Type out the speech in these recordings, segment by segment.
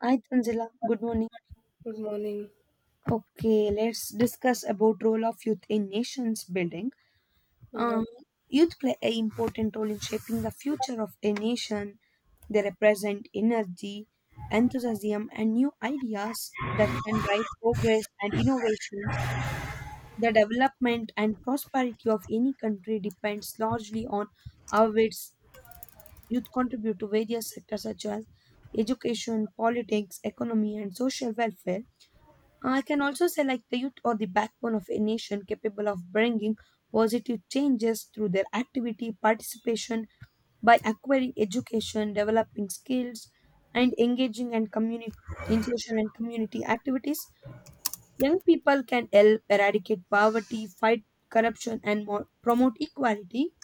Hi Tanzila, good morning. Good morning. Okay, let's discuss about role of youth in nations building. Yeah. Uh, Youth play a important role in shaping the future of a nation. They represent energy, enthusiasm, and new ideas that can drive progress and innovations. The development and prosperity of any country depends largely on how its youth contribute to various sectors such as education, politics, economy, and social welfare. I can also say, like, the youth or the backbone of a nation capable of bringing positive changes through their activity, participation, by acquiring education, developing skills, and in social and community activities. Young people can help eradicate poverty, fight corruption, and more, promote equality.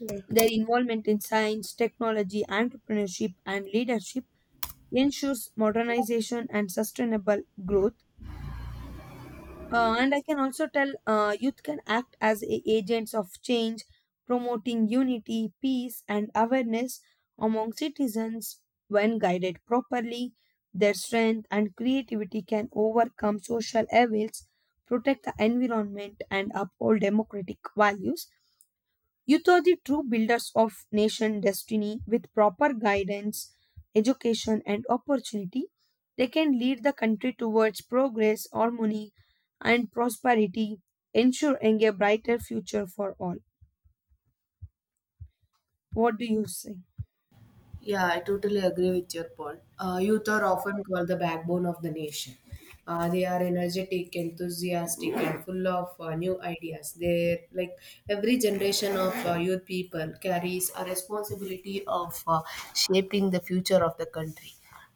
Yeah. Their involvement in science, technology, entrepreneurship, and leadership ensures modernization and sustainable growth. And I can also tell, youth can act as agents of change, promoting unity, peace, and awareness among citizens. When guided properly, their strength and creativity can overcome social evils, protect the environment, and uphold democratic values. Youth are the true builders of nation destiny with proper guidance, education, and opportunity. They can lead the country towards progress, harmony, and prosperity, ensuring a brighter future for all. What do you say? Yeah, I totally agree with your point. Youth are often called the backbone of the nation. They are energetic, enthusiastic, and full of new ideas. They like every generation of youth people carries a responsibility of shaping the future of the country.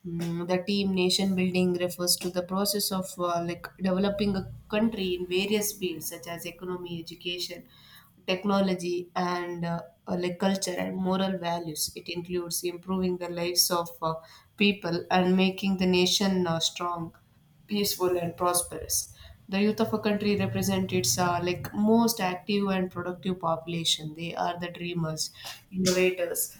The team nation building refers to the process of developing a country in various fields such as economy, education, technology and culture and moral values. It includes improving the lives of people and making the nation strong, peaceful, and prosperous. The youth of a country represent its most active and productive population. They are the dreamers, innovators,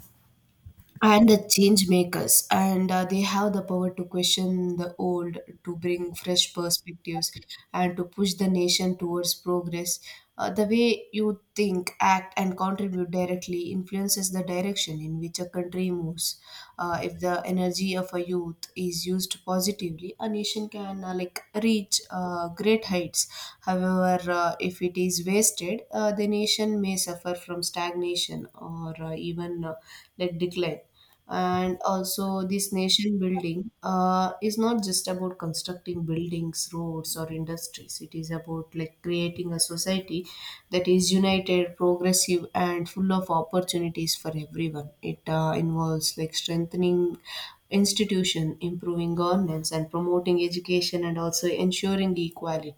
and the change makers and they have the power to question the old to bring fresh perspectives and to push the nation towards progress. The way you think act and contribute directly influences the direction in which a country moves. If the energy of a youth is used positively, a nation can reach great heights. However, if it is wasted, the nation may suffer from stagnation or even like decline. And also this nation building is not just about constructing buildings roads or industries. It is about like creating a society that is united progressive and full of opportunities for everyone. It involves like strengthening institution improving governance and promoting education and also ensuring equality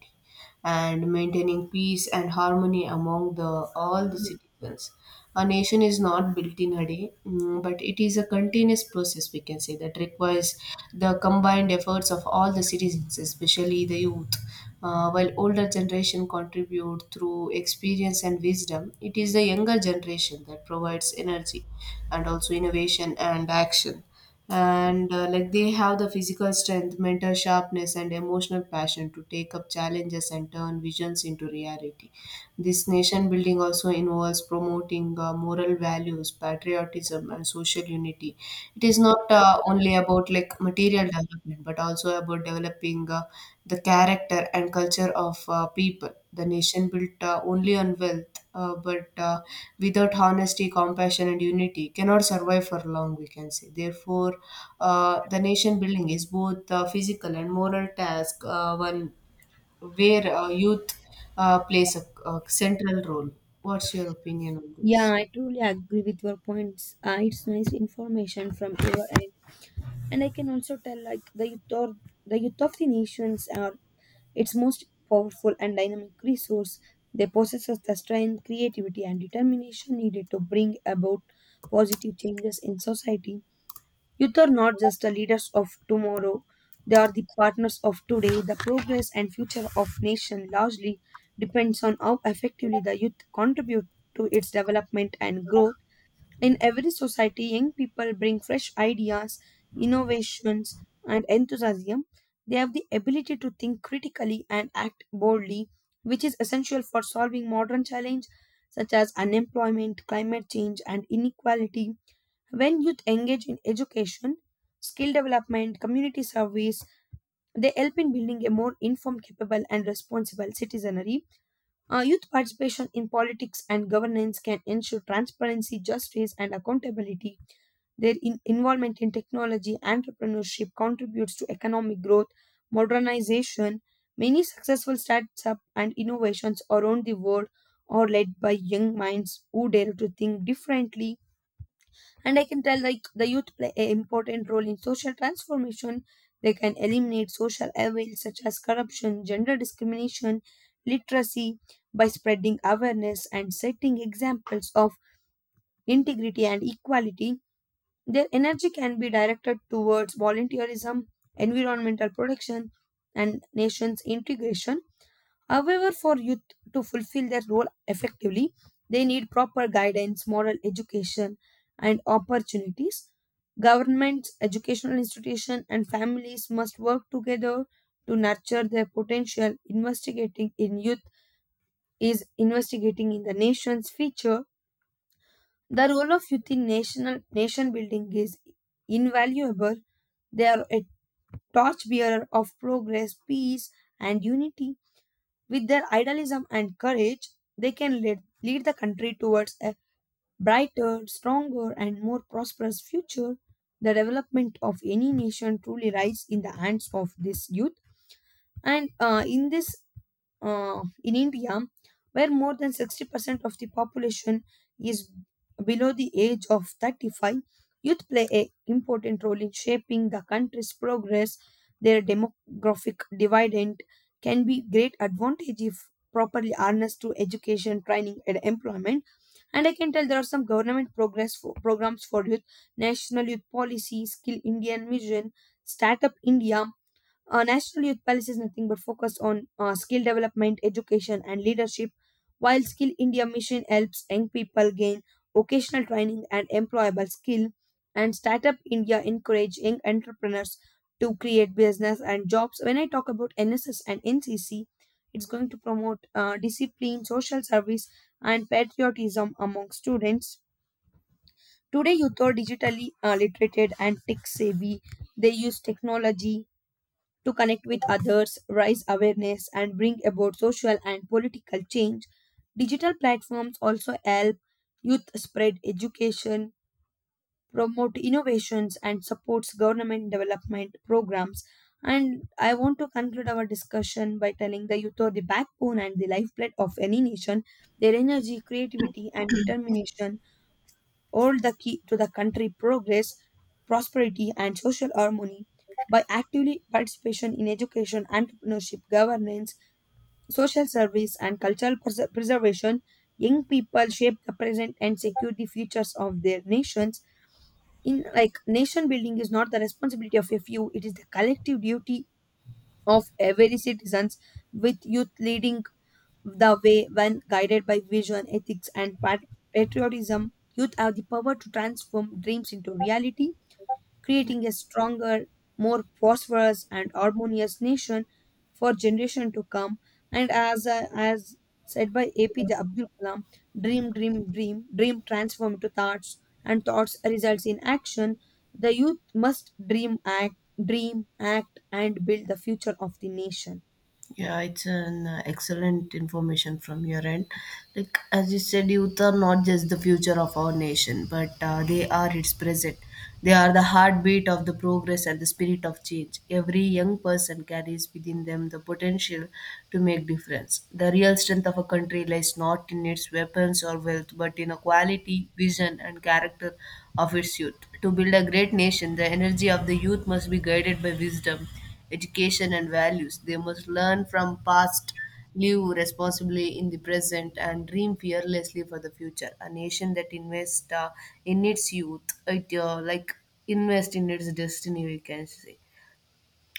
and maintaining peace and harmony among the all the Yeah, citizens. A nation is not built in a day, but it is a continuous process we can say that requires the combined efforts of all the citizens especially the youth. While older generation contribute through experience and wisdom it is the younger generation that provides energy and also innovation and action. And like They have the physical strength mental sharpness and emotional passion to take up challenges and turn visions into reality. This nation building also involves promoting moral values, patriotism, and social unity. It is not only about like material development, but also about developing the character and culture of people. The nation built only on wealth, but without honesty, compassion, and unity, cannot survive for long. We can say. Therefore, the nation building is both a physical and moral task. One where youth plays a central role. What's your opinion on yeah, this? I truly agree with your points. It's nice information from your end, and I can also tell like the youth or the youth of the nations are its most powerful and dynamic resource. They possess the strength, creativity, and determination needed to bring about positive changes in society. Youth are not just the leaders of tomorrow, they are the partners of today. The progress and future of nation largely depends on how effectively the youth contribute to its development and growth. In every society, young people bring fresh ideas, innovations, and enthusiasm. They have the ability to think critically and act boldly, which is essential for solving modern challenges such as unemployment, climate change, and inequality. When youth engage in education, skill development, community service, they help in building a more informed, capable, and responsible citizenry. Youth participation in politics and governance can ensure transparency, justice, and accountability. Their involvement in technology entrepreneurship contributes to economic growth, modernization. Many successful startups and innovations around the world are led by young minds who dare to think differently. And I can tell, like, the youth play an important role in social transformation. They can eliminate social evils such as corruption, gender discrimination, literacy, by spreading awareness and setting examples of integrity and equality. Their energy can be directed towards volunteerism, environmental protection, and nations integration. However, for youth to fulfill their role effectively, they need proper guidance, moral education, and opportunities. Governments, educational institutions, and families must work together to nurture their potential. Investigating in youth is investigating in the nation's future. The role of youth in national nation building is invaluable. They are a torchbearer of progress, peace, and unity. With their idealism and courage, they can lead the country towards a brighter, stronger, and more prosperous future. The development of any nation truly lies in the hands of this youth. And in India, where more than 60% of the population is below the age of 35, youth play a important role in shaping the country's progress. Their demographic dividend can be great advantage if properly harnessed through education, training, and employment. And I can tell there are some programs for youth, National Youth Policy, Skill Indian Mission, Startup India. National Youth Palace is nothing but focused on skill development, education, and leadership, while Skill India Mission helps young people gain vocational training and employable skill, and Startup India encourage young entrepreneurs to create business and jobs. When I talk about NSS and NCC, it's going to promote discipline, social service, and patriotism among students. Today, youth are digitally literated and tech savvy. They use technology to connect with others, raise awareness, and bring about social and political change. Digital platforms also help youth spread education, promote innovations, and supports government development programs. And I want to conclude our discussion by telling the youth are the backbone and the lifeblood of any nation. Their energy, creativity, and determination all the key to the country progress, prosperity, and social harmony by actively participation in education, entrepreneurship, governance, social service, and cultural preservation. Young people shape the present and secure the futures of their nations. In like nation building is not the responsibility of a few; it is the collective duty of every citizens, with youth leading the way when guided by vision, ethics, and patriotism. Youth have the power to transform dreams into reality, creating a stronger, more prosperous, and harmonious nation for generation to come. And as said by APJ Abdul Kalam, dream, dream, dream, dream transform into thoughts, and thoughts results in action. The youth must dream, act, and build the future of the nation. Yeah, it's an excellent information from your end. Like as you said, youth are not just the future of our nation, but they are its present. They are the heartbeat of the progress and the spirit of change. Every young person carries within them the potential to make difference. The real strength of a country lies not in its weapons or wealth, but in a quality, vision, and character of its youth. To build a great nation, the energy of the youth must be guided by wisdom education, and values. They must learn from past, live responsibly in the present, and dream fearlessly for the future. A nation that invests in its youth, it like invest in its destiny, we can say.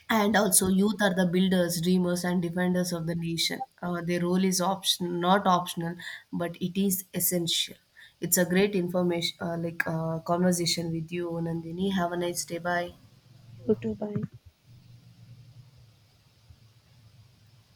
And also, youth are the builders, dreamers, and defenders of the nation. Their role is option, not optional, but it is essential. It's a great information, conversation with you, Nandini. Have a nice day. Bye. You too, bye.